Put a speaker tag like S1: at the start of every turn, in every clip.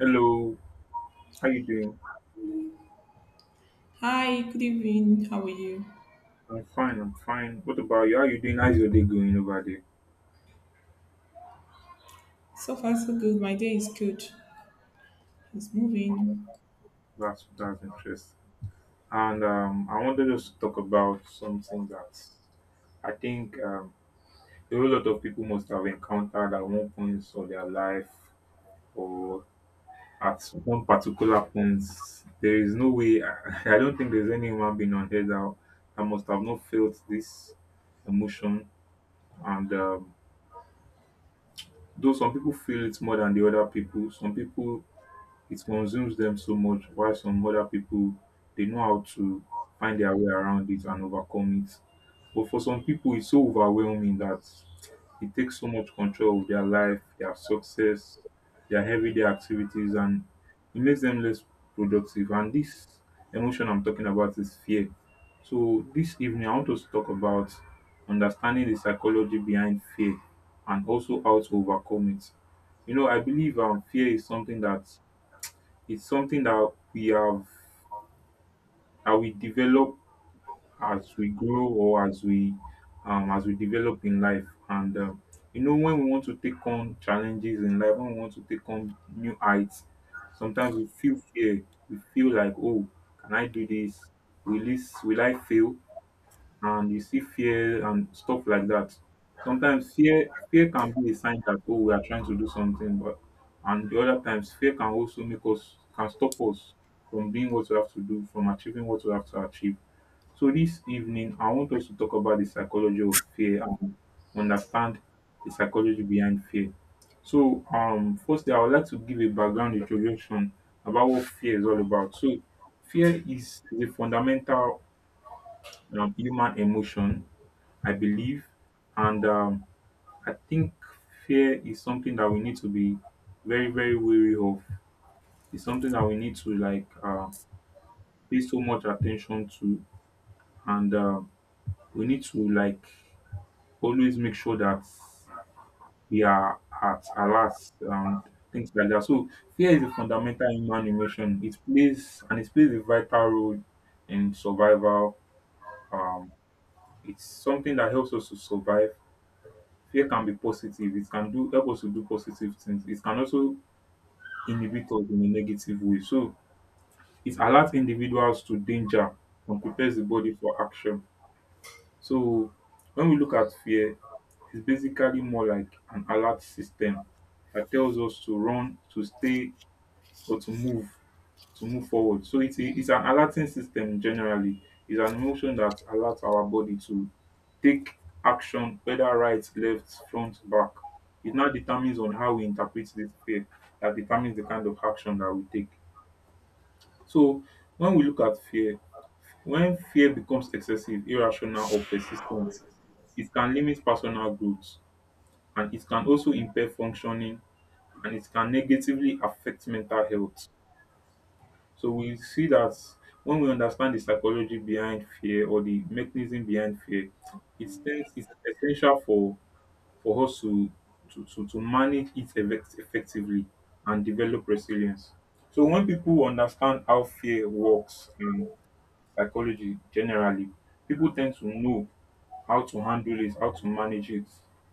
S1: Hello, how you doing?
S2: Hi, good evening. How are you?
S1: I'm fine, I'm fine. What about you? How you doing? How's your day going over there?
S2: So far, so good. My day is good. It's moving.
S1: That's interesting. And I wanted us to talk about something that I think a whole lot of people must have encountered at one point of their life or at one particular point. There is no way, I, don't think there's any human being on earth that, that must have not felt this emotion. And though some people feel it more than the other people, some people it consumes them so much, while some other people they know how to find their way around it and overcome it, but for some people it's so overwhelming that it takes so much control of their life, their success, their everyday activities, and it makes them less productive. And this emotion I'm talking about is fear. So this evening I want us to talk about understanding the psychology behind fear and also how to overcome it. You know, I believe fear is something that it's something that we have, that we develop as we grow, or as we develop in life. And you know, when we want to take on challenges in life, when we want to take on new heights, sometimes we feel fear. We feel like, oh, can I do this? Will this, will I fail? And you see fear and stuff like that. Sometimes fear can be a sign that, oh, we are trying to do something, but and the other times fear can also make us, can stop us from doing what we have to do, from achieving what we have to achieve. So this evening I want us to talk about the psychology of fear and understand the psychology behind fear. So firstly I would like to give a background introduction about what fear is all about. So fear is the fundamental human emotion, I believe. And I think fear is something that we need to be very, very wary of. It's something that we need to like pay so much attention to, and we need to like always make sure that we are at alert and things like that. So fear is a fundamental human emotion. It plays a vital role in survival. Um, it's something that helps us to survive. Fear can be positive. It can do help us to do positive things. It can also inhibit us in a negative way. So it alerts individuals to danger and prepares the body for action. So when we look at fear, it's basically more like an alert system that tells us to run, to stay, or to move, to move forward. So it's an alerting system generally. It's an emotion that alerts our body to take action, whether right, left, front, back. It now determines on how we interpret this fear. That determines the kind of action that we take. So when we look at fear, when fear becomes excessive, irrational, or persistent, it can limit personal growth, and it can also impair functioning, and it can negatively affect mental health. So we see that when we understand the psychology behind fear or the mechanism behind fear, it's essential for us to manage it effectively and develop resilience. So when people understand how fear works and psychology generally, people tend to know how to handle it, how to manage it,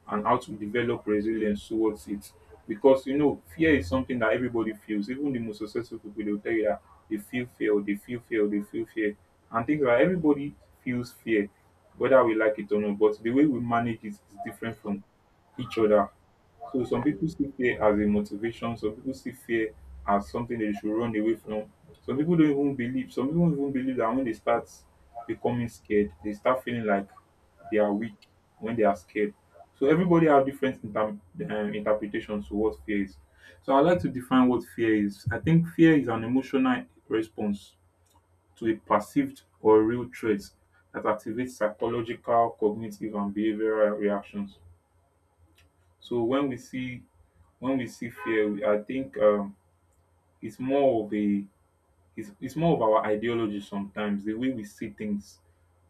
S1: and how to develop resilience towards it. Because, you know, fear is something that everybody feels. Even the most successful people, they'll tell you that they feel fear, they feel fear, they feel fear. And things like, everybody feels fear, whether we like it or not. But the way we manage it is different from each other. So some people see fear as a motivation, some people see fear as something they should run away from. Some people don't even believe, some people don't even believe that when they start becoming scared, they start feeling like they are weak when they are scared. So everybody have different interpretations to what fear is. So I like to define what fear is. I think fear is an emotional response to a perceived or real threat that activates psychological, cognitive, and behavioral reactions. So when we see, when we see fear we- I think it's more of a it's more of our ideology. Sometimes the way we see things,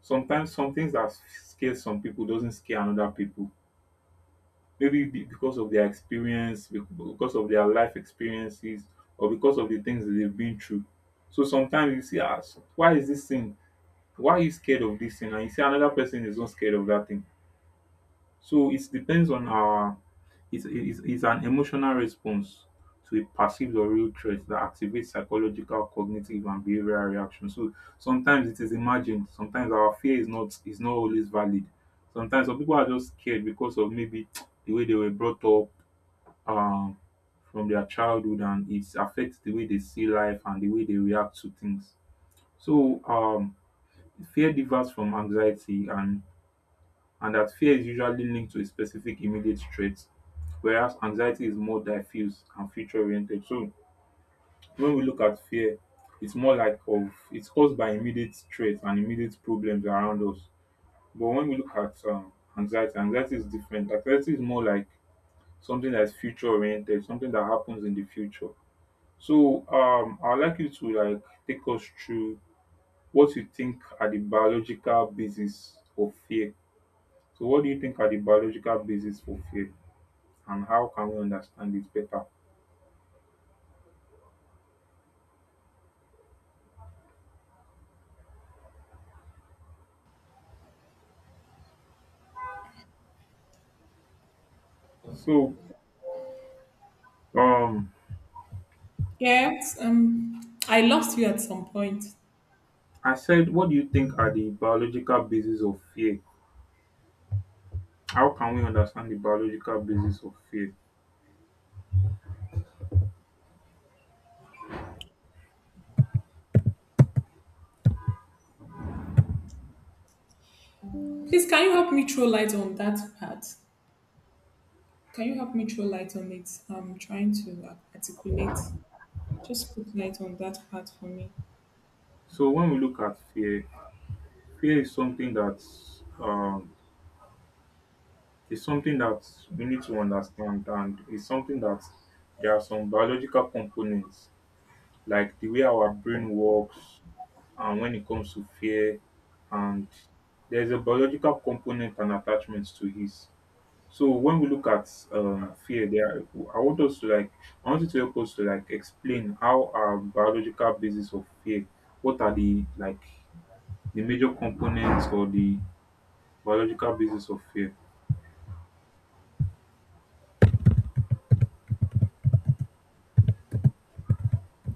S1: sometimes some things that scares some people doesn't scare another people, maybe because of their experience, because of their life experiences, or because of the things that they've been through. So sometimes you see, ah, why is this thing, why are you scared of this thing, and you see another person is not scared of that thing. So it depends on our, it's an emotional response to a perceived or real threat that activates psychological, cognitive, and behavioral reactions. So sometimes it is imagined. Sometimes our fear is not always valid. Sometimes some people are just scared because of maybe the way they were brought up um, from their childhood, and it affects the way they see life and the way they react to things. So fear differs from anxiety, and that fear is usually linked to a specific immediate threat, whereas anxiety is more diffuse and future oriented. So when we look at fear, it's more like of it's caused by immediate threats and immediate problems around us. But when we look at anxiety, anxiety is different. Anxiety is more like something that's future oriented, something that happens in the future. So I'd like you to like take us through what you think are the biological basis for fear. So what do you think are the biological basis for fear? And how can we understand it better? So, um,
S2: Yes, um, I lost you at some point.
S1: I said, what do you think are the biological bases of fear? How can we understand the biological basis of fear?
S2: Please, can you help me throw light on that part? Can you help me throw light on it? I'm trying to articulate. Just put light on that part for me.
S1: So, when we look at fear, fear um, is something that we need to understand, and it's something that there are some biological components like the way our brain works, and when it comes to fear, and there's a biological component and attachments to it. So when we look at fear, there, I want us to like, I want you to help us to like explain how our biological basis of fear. What are the like the major components or the biological basis of fear?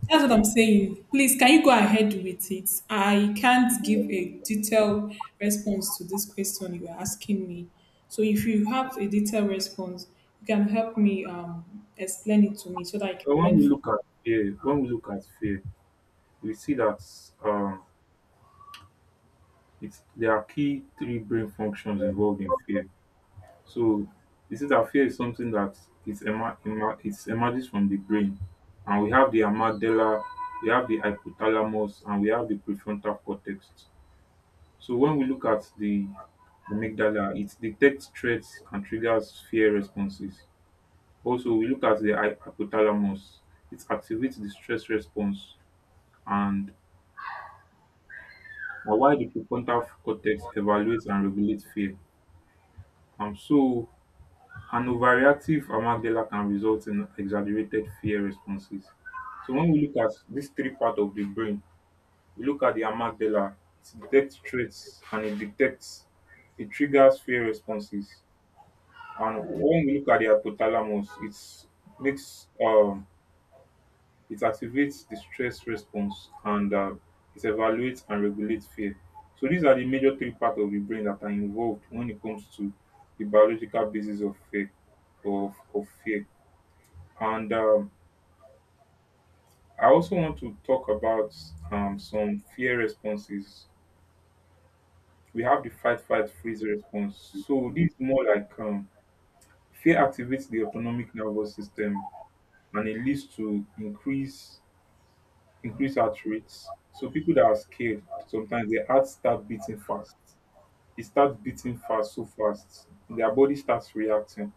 S2: That's what I'm saying. Please, can you go ahead with it? I can't give a detailed response to this question you are asking me. So if you have a detailed response, you can help me explain it to me so that I
S1: So
S2: can
S1: when
S2: learn
S1: we
S2: from.
S1: look at fear, we see that um, it's there are key three brain functions involved in fear. So you see that fear is something that it's emer- emer- it's emerges from the brain, and we have the amygdala, we have the hypothalamus, and we have the prefrontal cortex. So when we look at the amygdala, it detects threats and triggers fear responses. Also, we look at the hypothalamus, it activates the stress response, and while the prefrontal cortex evaluates and regulates fear. So an overreactive amygdala can result in exaggerated fear responses. So when we look at these three parts of the brain, we look at the amygdala, it detects threats, and it triggers fear responses. And when we look at the hypothalamus, makes um it activates the stress response, and it evaluates and regulates fear. So these are the major three parts of the brain that are involved when it comes to the biological basis of fear, of fear. And I also want to talk about some fear responses. We have the fight, fight, freeze response. So this is more like fear activates the autonomic nervous system, and it leads to increase heart rates. So people that are scared, sometimes their heart start beating fast. It starts beating fast, so fast. Their body starts reacting.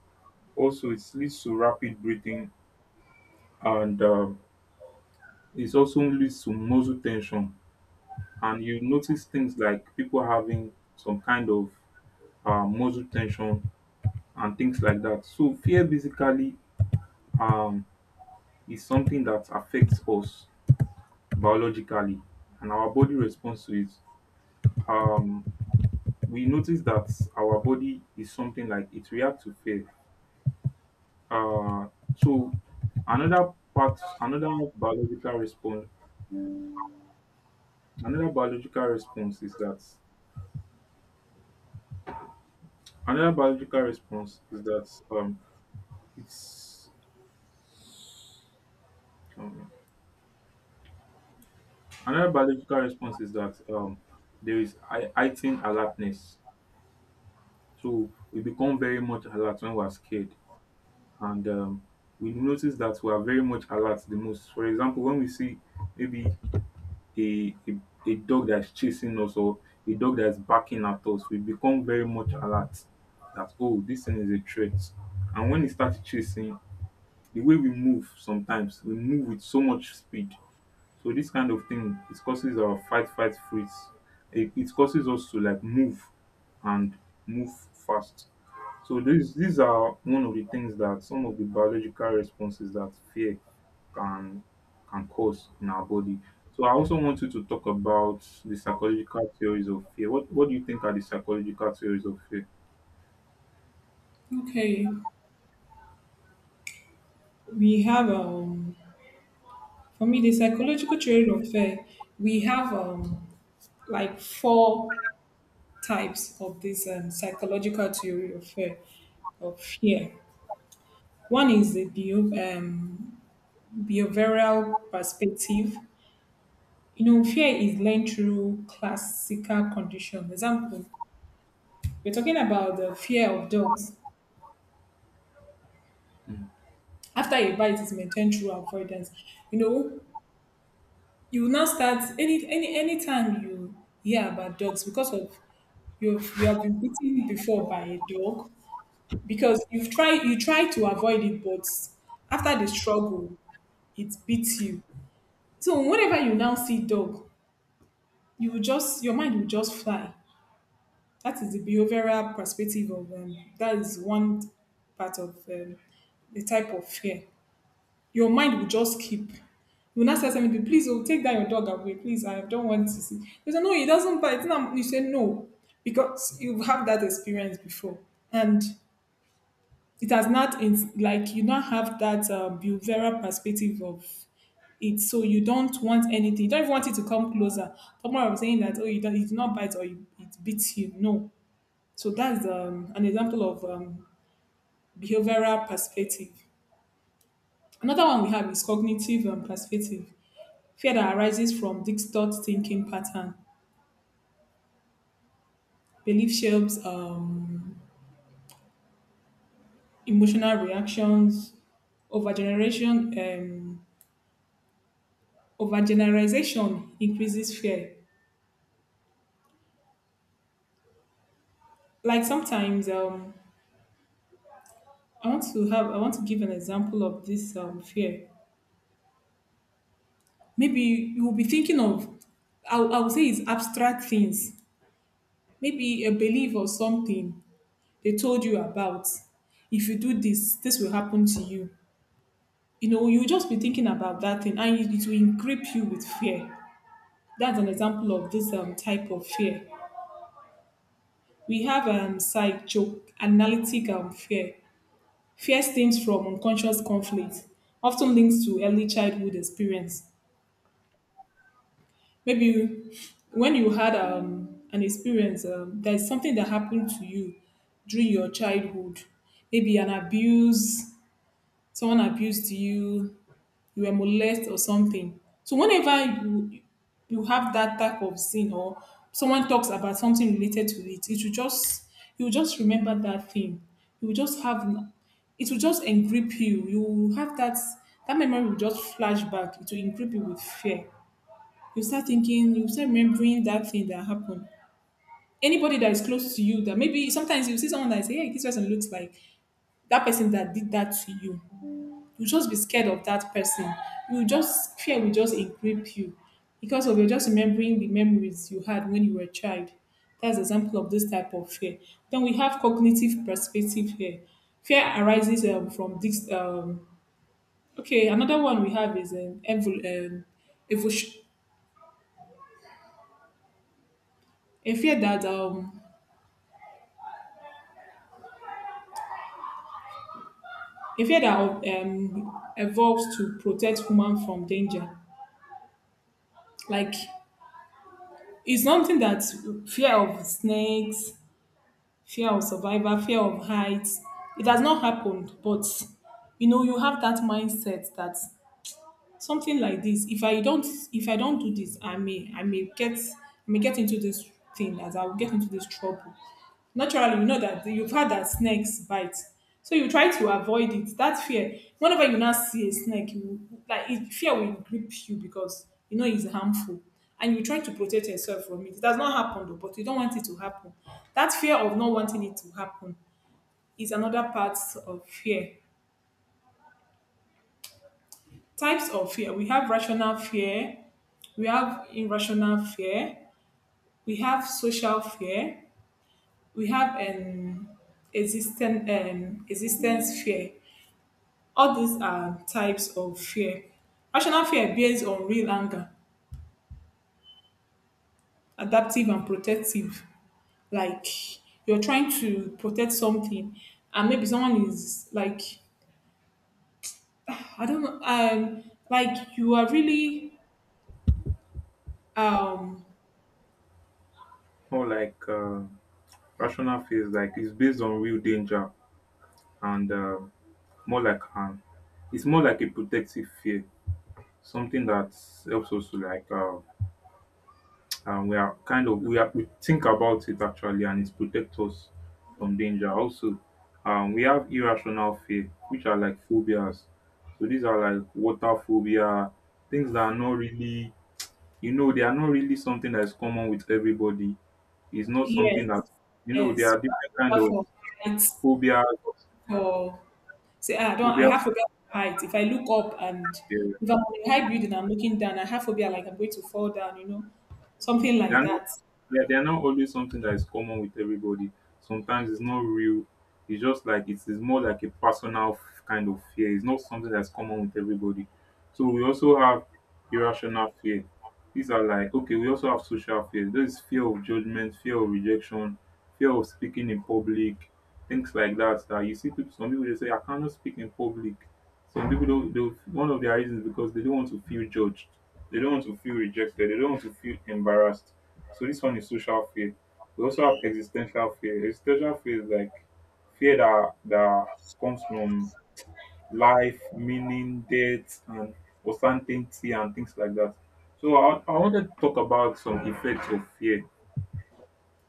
S1: Also, it leads to rapid breathing, and it also leads to muscle tension, and you notice things like people having some kind of muscle tension and things like that. So fear basically um, is something that affects us biologically, and our body responds to it. Um, we notice that our body is something like it reacts to fear. Uh, so another part, biological response, another biological response is that another biological response is that it's um, Another biological response is that there is heightened alertness. So we become very much alert when we are scared, and we notice that we are very much alert the most. For example, when we see maybe a, a a dog that's chasing us, or a dog that's barking at us, we become very much alert that, oh, this thing is a threat. And when it starts chasing, the way we move sometimes, we move with so much speed. So this kind of thing, it causes our fight freeze. It causes us to like move and move fast. So these are one of the things that some of the biological responses that fear can can cause in our body. So I also want you to talk about the psychological theories of fear. What do you think are the psychological theories of fear?
S2: Okay, we have for me the psychological theory of fear. We have like four types of this psychological theory of fear. One is the behavioral perspective. You know, fear is learned through classical condition. Example, we're talking about the fear of dogs.
S1: Mm.
S2: After a bite is maintained through avoidance. You know, you will now start anytime you hear about dogs because of you have been bitten before by a dog because you try to avoid it, but after the struggle it beats you, so whenever you now see dog, you will just, your mind will just fly. That is the behavioral perspective of, that is one part of, the type of fear. Your mind will just keep. You will not say something, please, oh, take that your dog away, please. I don't want to see. You say, no, he doesn't bite. It's. You say no because you've had that experience before, and it has not in, like you not have that behavioral perspective of it. So you don't want anything. You don't even want it to come closer. Tomorrow I'm saying that oh, you don't, it do not bite or it beats you. No, so that's an example of behavioral perspective. Another one we have is cognitive perspective. Fear that arises from distort thinking pattern, belief shapes, emotional reactions, overgeneration, overgeneralization increases fear. Like sometimes, I want to give an example of this fear. Maybe you will be thinking of I would say it's abstract things, maybe a belief or something. They told you about if you do this, this will happen to you. You know, you will just be thinking about that thing and it will grip you with fear. That's an example of this type of fear. We have psychoanalytic fear. Fear stems from unconscious conflict, often linked to early childhood experience. maybe you- when you had an experience, there's something that happened to you during your childhood. Maybe an abuse, someone abused you, you were molested or something. So whenever you, you have that type of sin, or someone talks about something related to it, it will just, you will just remember that thing. You will just have, it will just engrip you. You will have that, that memory will just flash back. It will engrip you with fear. You start thinking, you start remembering that thing that happened. Anybody that is close to you that, maybe sometimes you see someone that is, hey, this person looks like that person that did that to you, you'll just be scared of that person. You just, fear will just grip you because of, you're just remembering the memories you had when you were a child. That's example of this type of fear. Then we have cognitive perspective here. Fear arises from this. Okay, another one we have is evolution. A fear that evolves to protect human from danger. Like, it's something that, fear of snakes, fear of survival, fear of heights. It has not happened, but you know you have that mindset that something like this, if I don't do this, I may, I may get into this thing, as I will get into this trouble. Naturally, you know that you've heard that snakes bite, so you try to avoid it. That fear, whenever you now see a snake, you, like it, fear will grip you because you know it's harmful, and you try to protect yourself from it. It has not happened though, but you don't want it to happen. That fear of not wanting it to happen is another part of fear. Types of fear: we have rational fear, we have irrational fear, we have social fear, we have an existence fear. All these are types of fear. Rational fear based on real anger, adaptive and protective. Like, you're trying to protect something, and maybe someone is like, I don't know, like you are really um
S1: More like rational fears, like it's based on real danger and more like it's more like a protective fear. Something that helps us to like we are kind of, we are, we think about it actually and it protects us from danger. Also, we have irrational fear, which are like phobias. So these are like water phobia, things that are not really, you know, they are not really something that is common with everybody. It's not
S2: Yes,
S1: something that, you know, there are
S2: yes.
S1: different kind
S2: Forgot
S1: of
S2: for height,
S1: phobia
S2: for, say, ah, I don't, I
S1: phobia.
S2: have phobia for height. If I look up and if I'm on a high building, I'm looking down, I have phobia like I'm going to fall down. You know, something
S1: They
S2: like
S1: are not,
S2: that.
S1: yeah, they are not always something that is common with everybody. Sometimes it's not real. It's just like it is more like a personal f- kind of fear. It's not something that's common with everybody. So we also have irrational fear. These are like, okay, we also have social fear. There is fear of judgment, fear of rejection, fear of speaking in public, things like that. That you see people, some people they say, I cannot speak in public. Some people don't they'll- one of their reasons is because they don't want to feel judged. They don't want to feel rejected. They don't want to feel embarrassed. So this one is social fear. We also have existential fear. Existential fear is like fear that comes from life, meaning, death, and uncertainty and things like that. So I wanted to talk about some effects of fear.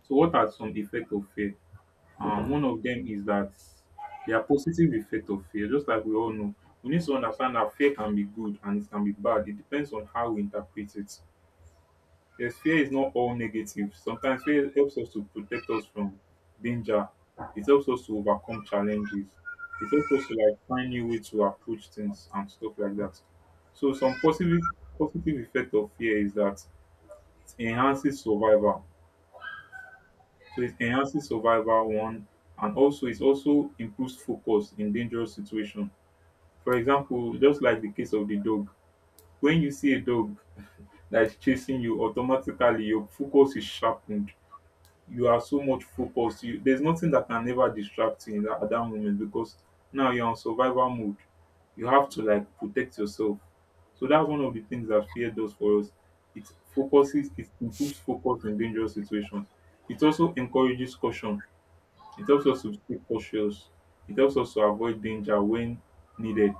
S1: So what are some effects of fear? One of them is that there are positive effects of fear. Just like we all know, we need to understand that fear can be good and it can be bad. It depends on how we interpret it. Yes, fear is not all negative. Sometimes fear helps us to protect us from danger. It helps us to overcome challenges. It helps us to like find new way to approach things and stuff like that. So some positive effect of fear is that it enhances survival. So it enhances survival one, and also it also improves focus in dangerous situation. For example, just like the case of the dog. When you see a dog that is chasing you, automatically your focus is sharpened. You are so much focused. You, there's nothing that can ever distract you in that, at that moment because now you're on survival mode. You have to like protect yourself. So that's one of the things that fear does for us. It focuses, it improves focus in dangerous situations. It also encourages caution. It helps us to stay cautious. It helps us to avoid danger when needed.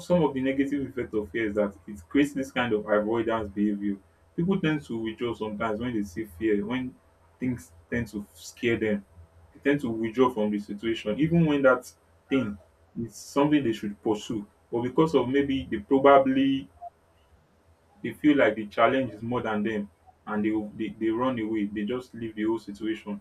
S1: Some of the negative effect of fear is that it creates this kind of avoidance behavior. People tend to withdraw sometimes when they see fear, when things tend to scare them. They tend to withdraw from the situation, even when that thing is something they should pursue. But because of maybe they probably they feel like the challenge is more than them and they they run away. They just leave the whole situation.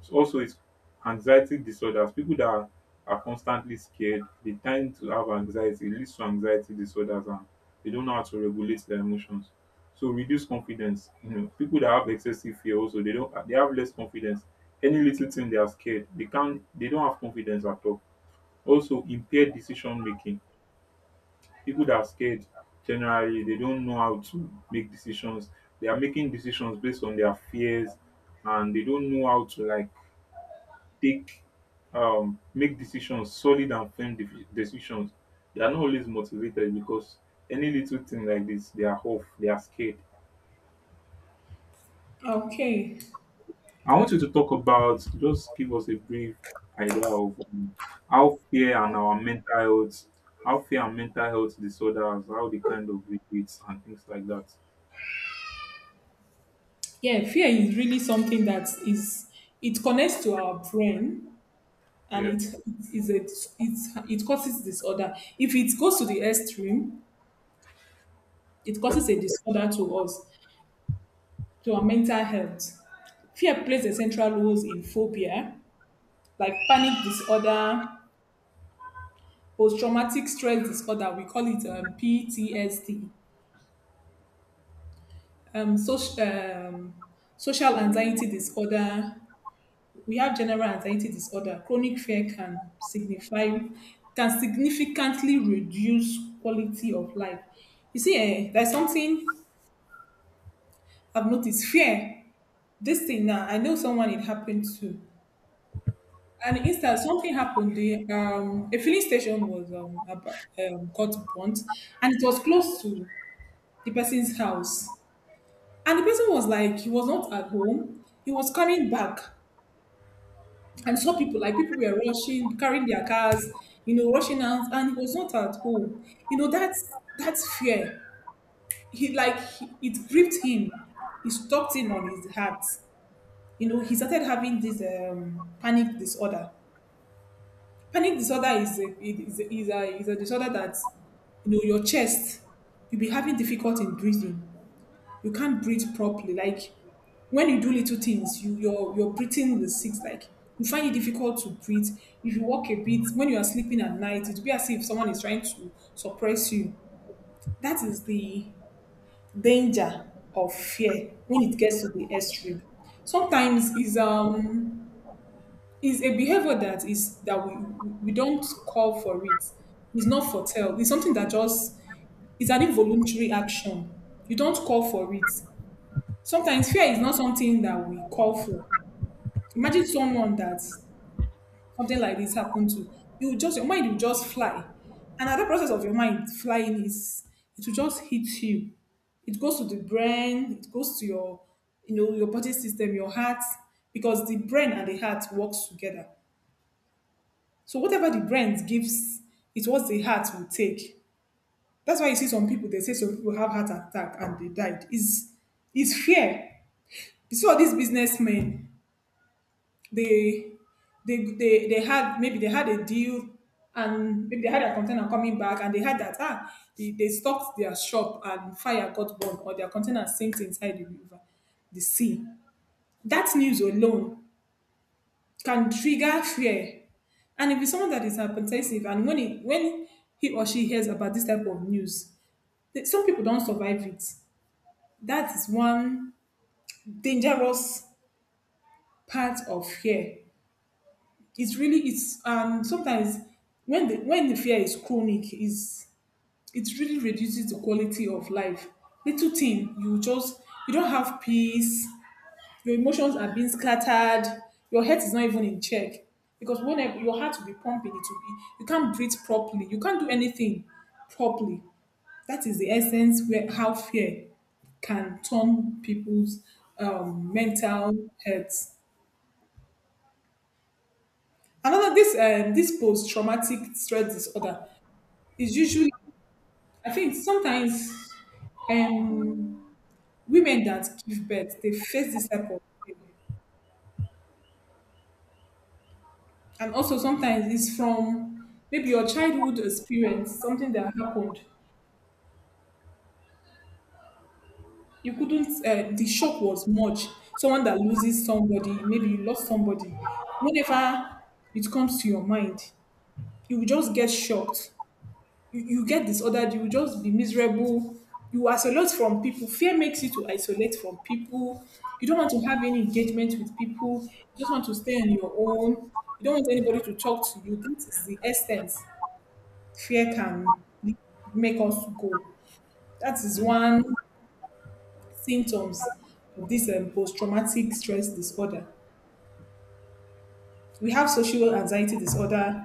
S1: So also it's anxiety disorders. People that are constantly scared they tend to have anxiety. E leads to anxiety disorders and they don't know how to regulate their emotions. So reduce confidence. You know people that have excessive fear also they don't, they have less confidence. Any little thing they are scared. They can't, they don't have confidence at all. Also impaired decision making. People that are scared generally they don't know how to make decisions. They are making decisions based on their fears and they don't know how to like take make decisions solid and firm defi- decisions. They are not always motivated because any little thing like this they are off, they are scared.
S2: Okay.
S1: I want you to talk about, just give us a brief idea of how fear and our mental health, how fear and mental health disorders, how they kind of relate and things like that.
S2: Yeah, fear is really something that is, it connects to our brain, and
S1: Yeah.
S2: it is a, it's, it causes disorder. If it goes to the extreme, it causes a disorder to us, to our mental health. Fear plays a central role in phobia, like panic disorder, post-traumatic stress disorder. We call it PTSD. Um, social, um, Social anxiety disorder. We have general anxiety disorder. Chronic fear can signify can significantly reduce quality of life. You see, eh, there's something I've noticed. Fear. This thing now, I know someone it happened to. And instead, something happened. The a filling station was got burnt, and it was close to the person's house. And the person was like, he was not at home. He was coming back and saw people, like people were rushing, carrying their cars, you know, rushing out, and he was not at home. You know, that's fear. He like he, it gripped him. It stopped him on his heart. You know, he started having this panic disorder. Panic disorder is a, it is, a, is, a, is a disorder that, you know, your chest, you'll be having difficulty in breathing. You can't breathe properly. Like when you do little things, you, your breathing is six. Like you find it difficult to breathe. If you walk a bit, when you are sleeping at night, it will be as if someone is trying to suppress you. That is the danger of fear when it gets to the extreme. Sometimes is a behavior that is that we don't call for it. It's not foretell. It's something that just, it's an involuntary action. You don't call for it. Sometimes fear is not something that we call for. Imagine someone that something like this happened to. You will just, your mind will just fly. And at the process of your mind flying is, it will just hit you. It goes to the brain, it goes to your, you know, your body system, your heart, because the brain and the heart works together. So whatever the brain gives, it's what the heart will take. That's why you see some people, they say some people have heart attack and they died. Is fear. You see all these businessmen, they they they had, maybe they had a deal, and maybe they had a container coming back, and they had that, ah, they stopped their shop and fire got burned, or their container sinks inside the river, the sea. That news alone can trigger fear. And if it's someone that is hypertensive, and when he or she hears about this type of news, some people don't survive it. That is one dangerous part of fear. It's really, it's, and sometimes when the fear is chronic, is, it really reduces the quality of life. Little thing, you just, you don't have peace, your emotions are being scattered, your head is not even in check, because whenever your heart will be pumping, it will be, you can't breathe properly, you can't do anything properly. That is the essence where how fear can turn people's mental health. Another this this post traumatic stress disorder. It's usually, I think sometimes um, women that give birth, they face this type of thing. And also sometimes it's from maybe your childhood experience, something that happened. You couldn't, the shock was much. Someone that loses somebody, maybe you lost somebody. Whenever it comes to your mind, you will just get shocked. You get disordered, you will just be miserable. You isolate from people. Fear makes you to isolate from people. You don't want to have any engagement with people. You just want to stay on your own. You don't want anybody to talk to you. That is the essence fear can make us go. That is
S1: Mm.
S2: one symptoms of this post-traumatic stress disorder. We have social anxiety disorder.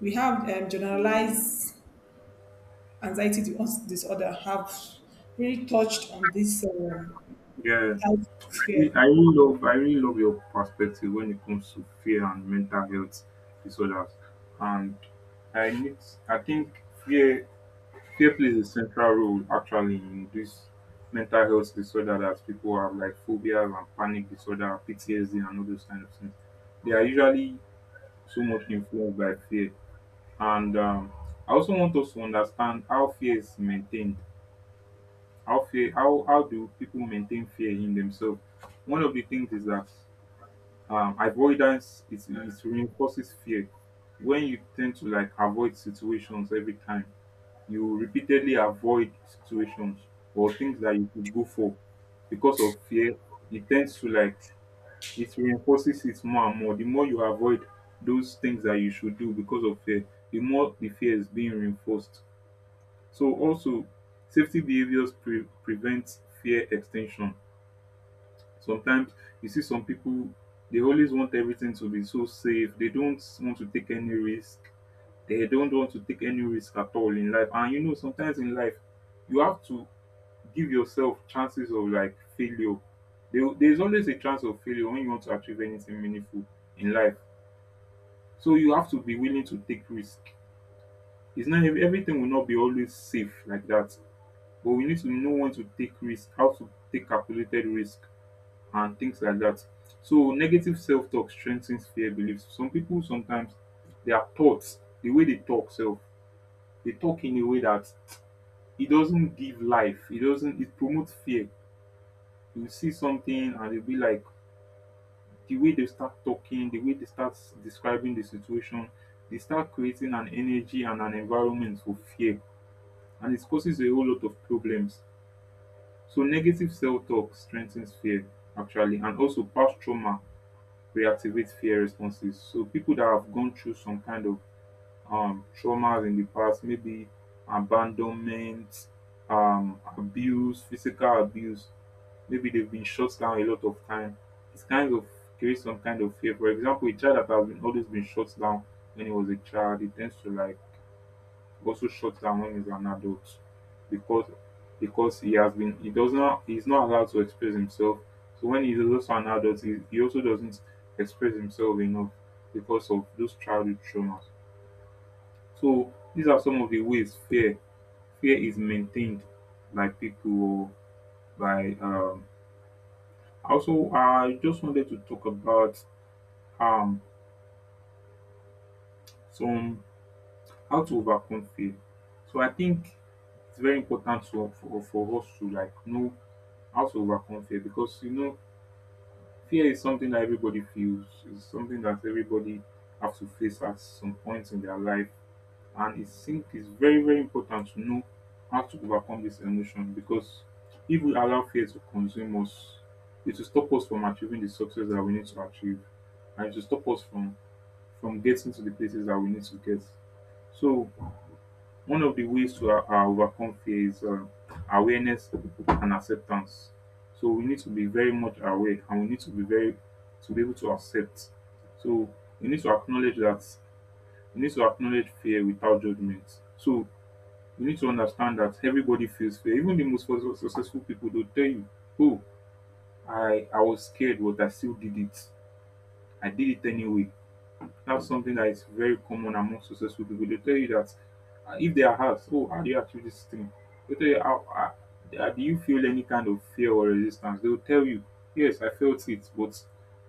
S2: We have generalized disorder. Have really touched on this
S1: Yeah,
S2: out
S1: I
S2: of
S1: re-
S2: fear.
S1: I really love, I really love your perspective when it comes to fear and mental health disorders. And I need, I think fear plays a central role actually in this mental health disorder that people have like phobias and panic disorder, PTSD and all those kind of things. They are usually so much influenced by fear. And I also want us to understand how fear is maintained. How fear, how do people maintain fear in themselves? One of the things is that avoidance is, it reinforces fear when you tend to like avoid situations every time, you repeatedly avoid situations or things that you could go for because of fear. It tends to like, it reinforces it more and more. The more you avoid those things that you should do because of fear, the more the fear is being reinforced. So also safety behaviors pre- prevent fear extension. Sometimes you see some people, they always want everything to be so safe, they don't want to take any risk. They don't want to take any risk at all in life, and you know sometimes in life you have to give yourself chances of like failure. There's always a chance of failure when you want to achieve anything meaningful in life. So you have to be willing to take risk. It's not everything will not be always safe like that, but we need to know when to take risk, how to take calculated risk, and things like that. So negative self-talk strengthens fear beliefs. Some people sometimes their thoughts, the way they talk self, they talk in a way that it doesn't give life. It doesn't. It promotes fear. You see something and you'll be like, the way they start talking, the way they start describing the situation, they start creating an energy and an environment for fear, and it causes a whole lot of problems. So, negative self talk strengthens fear actually, and also past trauma reactivates fear responses. So, people that have gone through some kind of traumas in the past, maybe abandonment, abuse, physical abuse. Maybe they've been shut down a lot of time. It's kind of creates some kind of fear. For example, a child that has been always been shut down when he was a child, he tends to like also shut down when he's an adult because because he has been, he does not, he's not allowed to express himself. So when he's also an adult, he also doesn't express himself enough because of those childhood traumas. So these are some of the ways fear is maintained by people, by also I just wanted to talk about um some, how to overcome fear. So I think it's very important to, for us to like know how to overcome fear because you know fear is something that everybody feels. It's something that everybody have to face at some point in their life. And it's, think it's very, very important to know how to overcome this emotion because if we allow fear to consume us, it will stop us from achieving the success that we need to achieve and it will stop us from getting to the places that we need to get. So, one of the ways to overcome fear is awareness and acceptance. So, we need to be very much aware and we need to be very, to be able to accept. So, we need to acknowledge that, we need to acknowledge fear without judgment. So, you need to understand that everybody feels fear. Even the most successful people, they'll tell you, oh, I was scared, but I still did it. I did it anyway. That's something that is very common among successful people. They tell you that if they are asked, oh, how do you achieve this thing? They tell you, how, do you feel any kind of fear or resistance? They'll tell you, yes, I felt it, but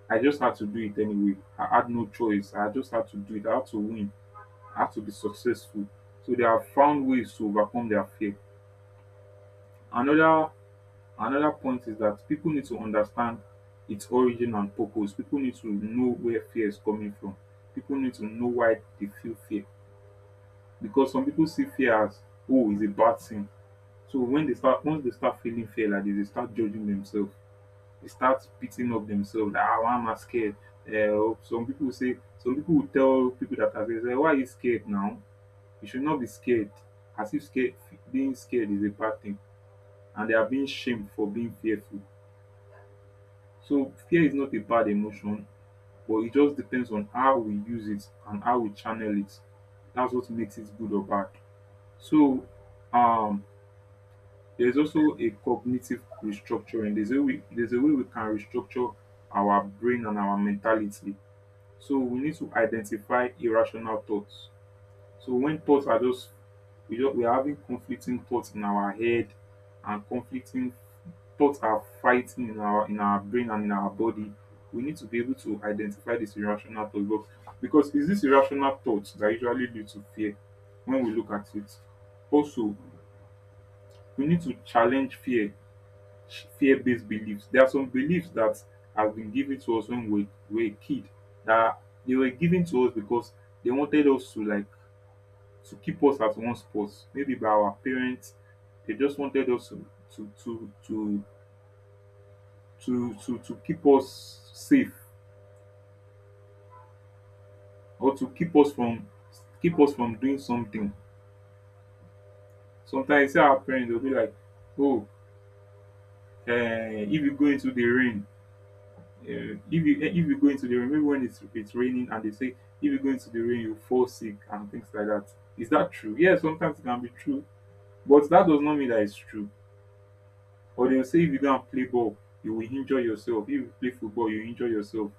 S1: I just had to do it anyway. I had no choice. I just had to do it. I had to win. I had to be successful. So they have found ways to overcome their fear. Another another point is that people need to understand its origin and purpose. People need to know where fear is coming from. People need to know why they feel fear, because some people see fear as, oh, it's a bad thing. So when they start once they start feeling fear like this, they start judging themselves. They start beating up themselves like, ah, I am scared. Some people will tell people that are scared, say, why are you scared now? You should not be scared. As if scared, being scared is a bad thing, and they are being shamed for being fearful. So fear is not a bad emotion, but it just depends on how we use it and how we channel it. That's what makes it good or bad. So um there's also a cognitive restructuring. There's a way we can restructure our brain and our mentality. So we need to identify irrational thoughts. So when thoughts are just, we are having conflicting thoughts in our head, and conflicting thoughts are fighting in our brain and in our body, we need to be able to identify this irrational thought box, because it's this irrational thoughts that usually lead to fear when we look at it. Also, we need to challenge fear, fear-based beliefs. There are some beliefs that have been given to us when we were a kid, that they were given to us because they wanted us to, like, to keep us at one spot. Maybe by our parents, they just wanted us to to to to to keep us safe, or to keep us from doing something. Sometimes you see our parents will be like, "Oh, if you go into the rain, uh, if if you go into the rain, maybe when it's raining, and they say if you go into the rain, you fall sick and things like that." Is that true? Yes, sometimes it can be true, but that does not mean that it's true. Or they'll say if you go and play ball, you will injure yourself. If you play football, you injure yourself.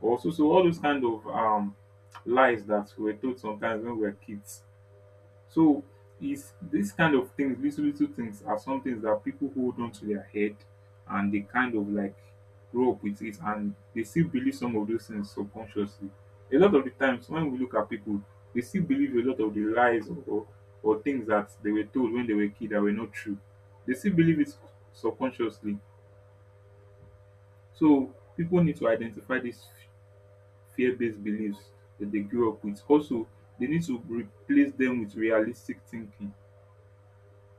S1: Also, so all those kind of lies that we are told sometimes when we are kids. So is this kind of things, little things are some things that people hold on to their head, and they kind of like grow up with it, and they still believe some of those things subconsciously. A lot of the times when we look at people, they still believe a lot of the lies, or things that they were told when they were kids that were not true. They still believe it subconsciously. So people need to identify these fear based beliefs that they grew up with. Also, they need to replace them with realistic thinking.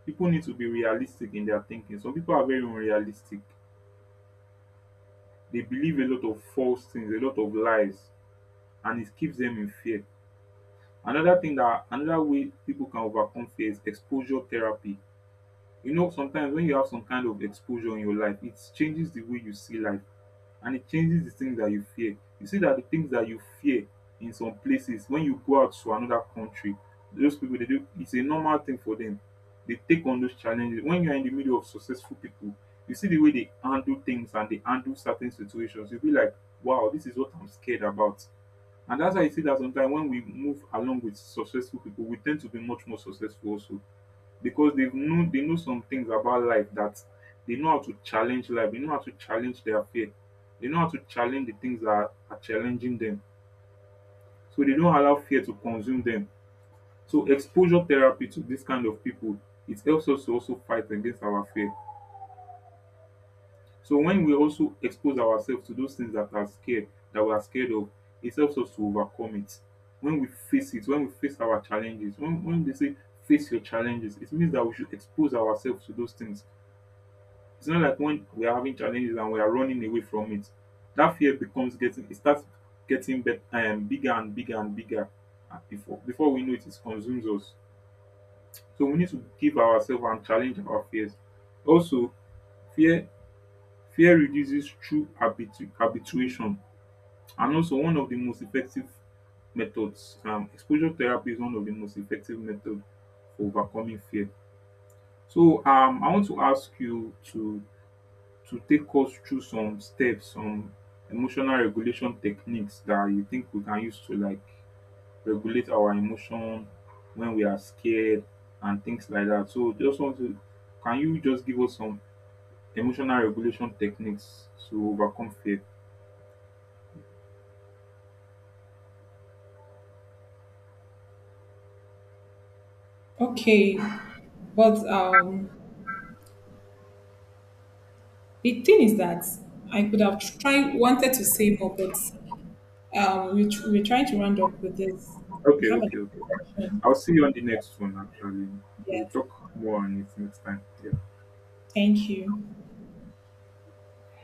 S1: People need to be realistic in their thinking. Some people are very unrealistic. They believe a lot of false things, a lot of lies, and it keeps them in fear. Another thing, that another way people can overcome fear is exposure therapy. You know, sometimes when you have some kind of exposure in your life, it changes the way you see life, and it changes the things that you fear. You see that the things that you fear, in some places when you go out to another country, those people they do, it's a normal thing for them. They take on those challenges. When you're in the middle of successful people, you see the way they handle things, and they handle certain situations, you'll be like, wow, this is what I'm scared about. And that's why you see that sometimes when we move along with successful people, we tend to be much more successful also, because they know some things about life, that they know how to challenge life, they know how to challenge their fear, they know how to challenge the things that are challenging them. So they don't allow fear to consume them. So exposure therapy to this kind of people, it helps us to also fight against our fear. So when we also expose ourselves to those things that are scared, that we are scared of, it helps us to overcome it. When we face it, when we face our challenges, when they say face your challenges, it means that we should expose ourselves to those things. It's not like when we are having challenges and we are running away from it. That fear becomes getting, it starts getting bigger and bigger and bigger. Before we know it, it consumes us. So we need to give ourselves and challenge our fears. Also, fear fear reduces through habituation, and also one of the most effective methods. Exposure therapy is one of the most effective methods for overcoming fear. So I want to ask you to take us through some steps, some emotional regulation techniques that you think we can use to, like, regulate our emotion when we are scared and things like that. So just want to, can you just give us some emotional regulation techniques to overcome fear?
S2: Okay, but the thing is that I could have tried, wanted to say more, but we're trying to round up with this. I
S1: Okay,
S2: have an
S1: okay, okay.
S2: question.
S1: I'll see you on the next one actually. We'll
S2: Yes,
S1: talk more on it next time. Yeah.
S2: thank you.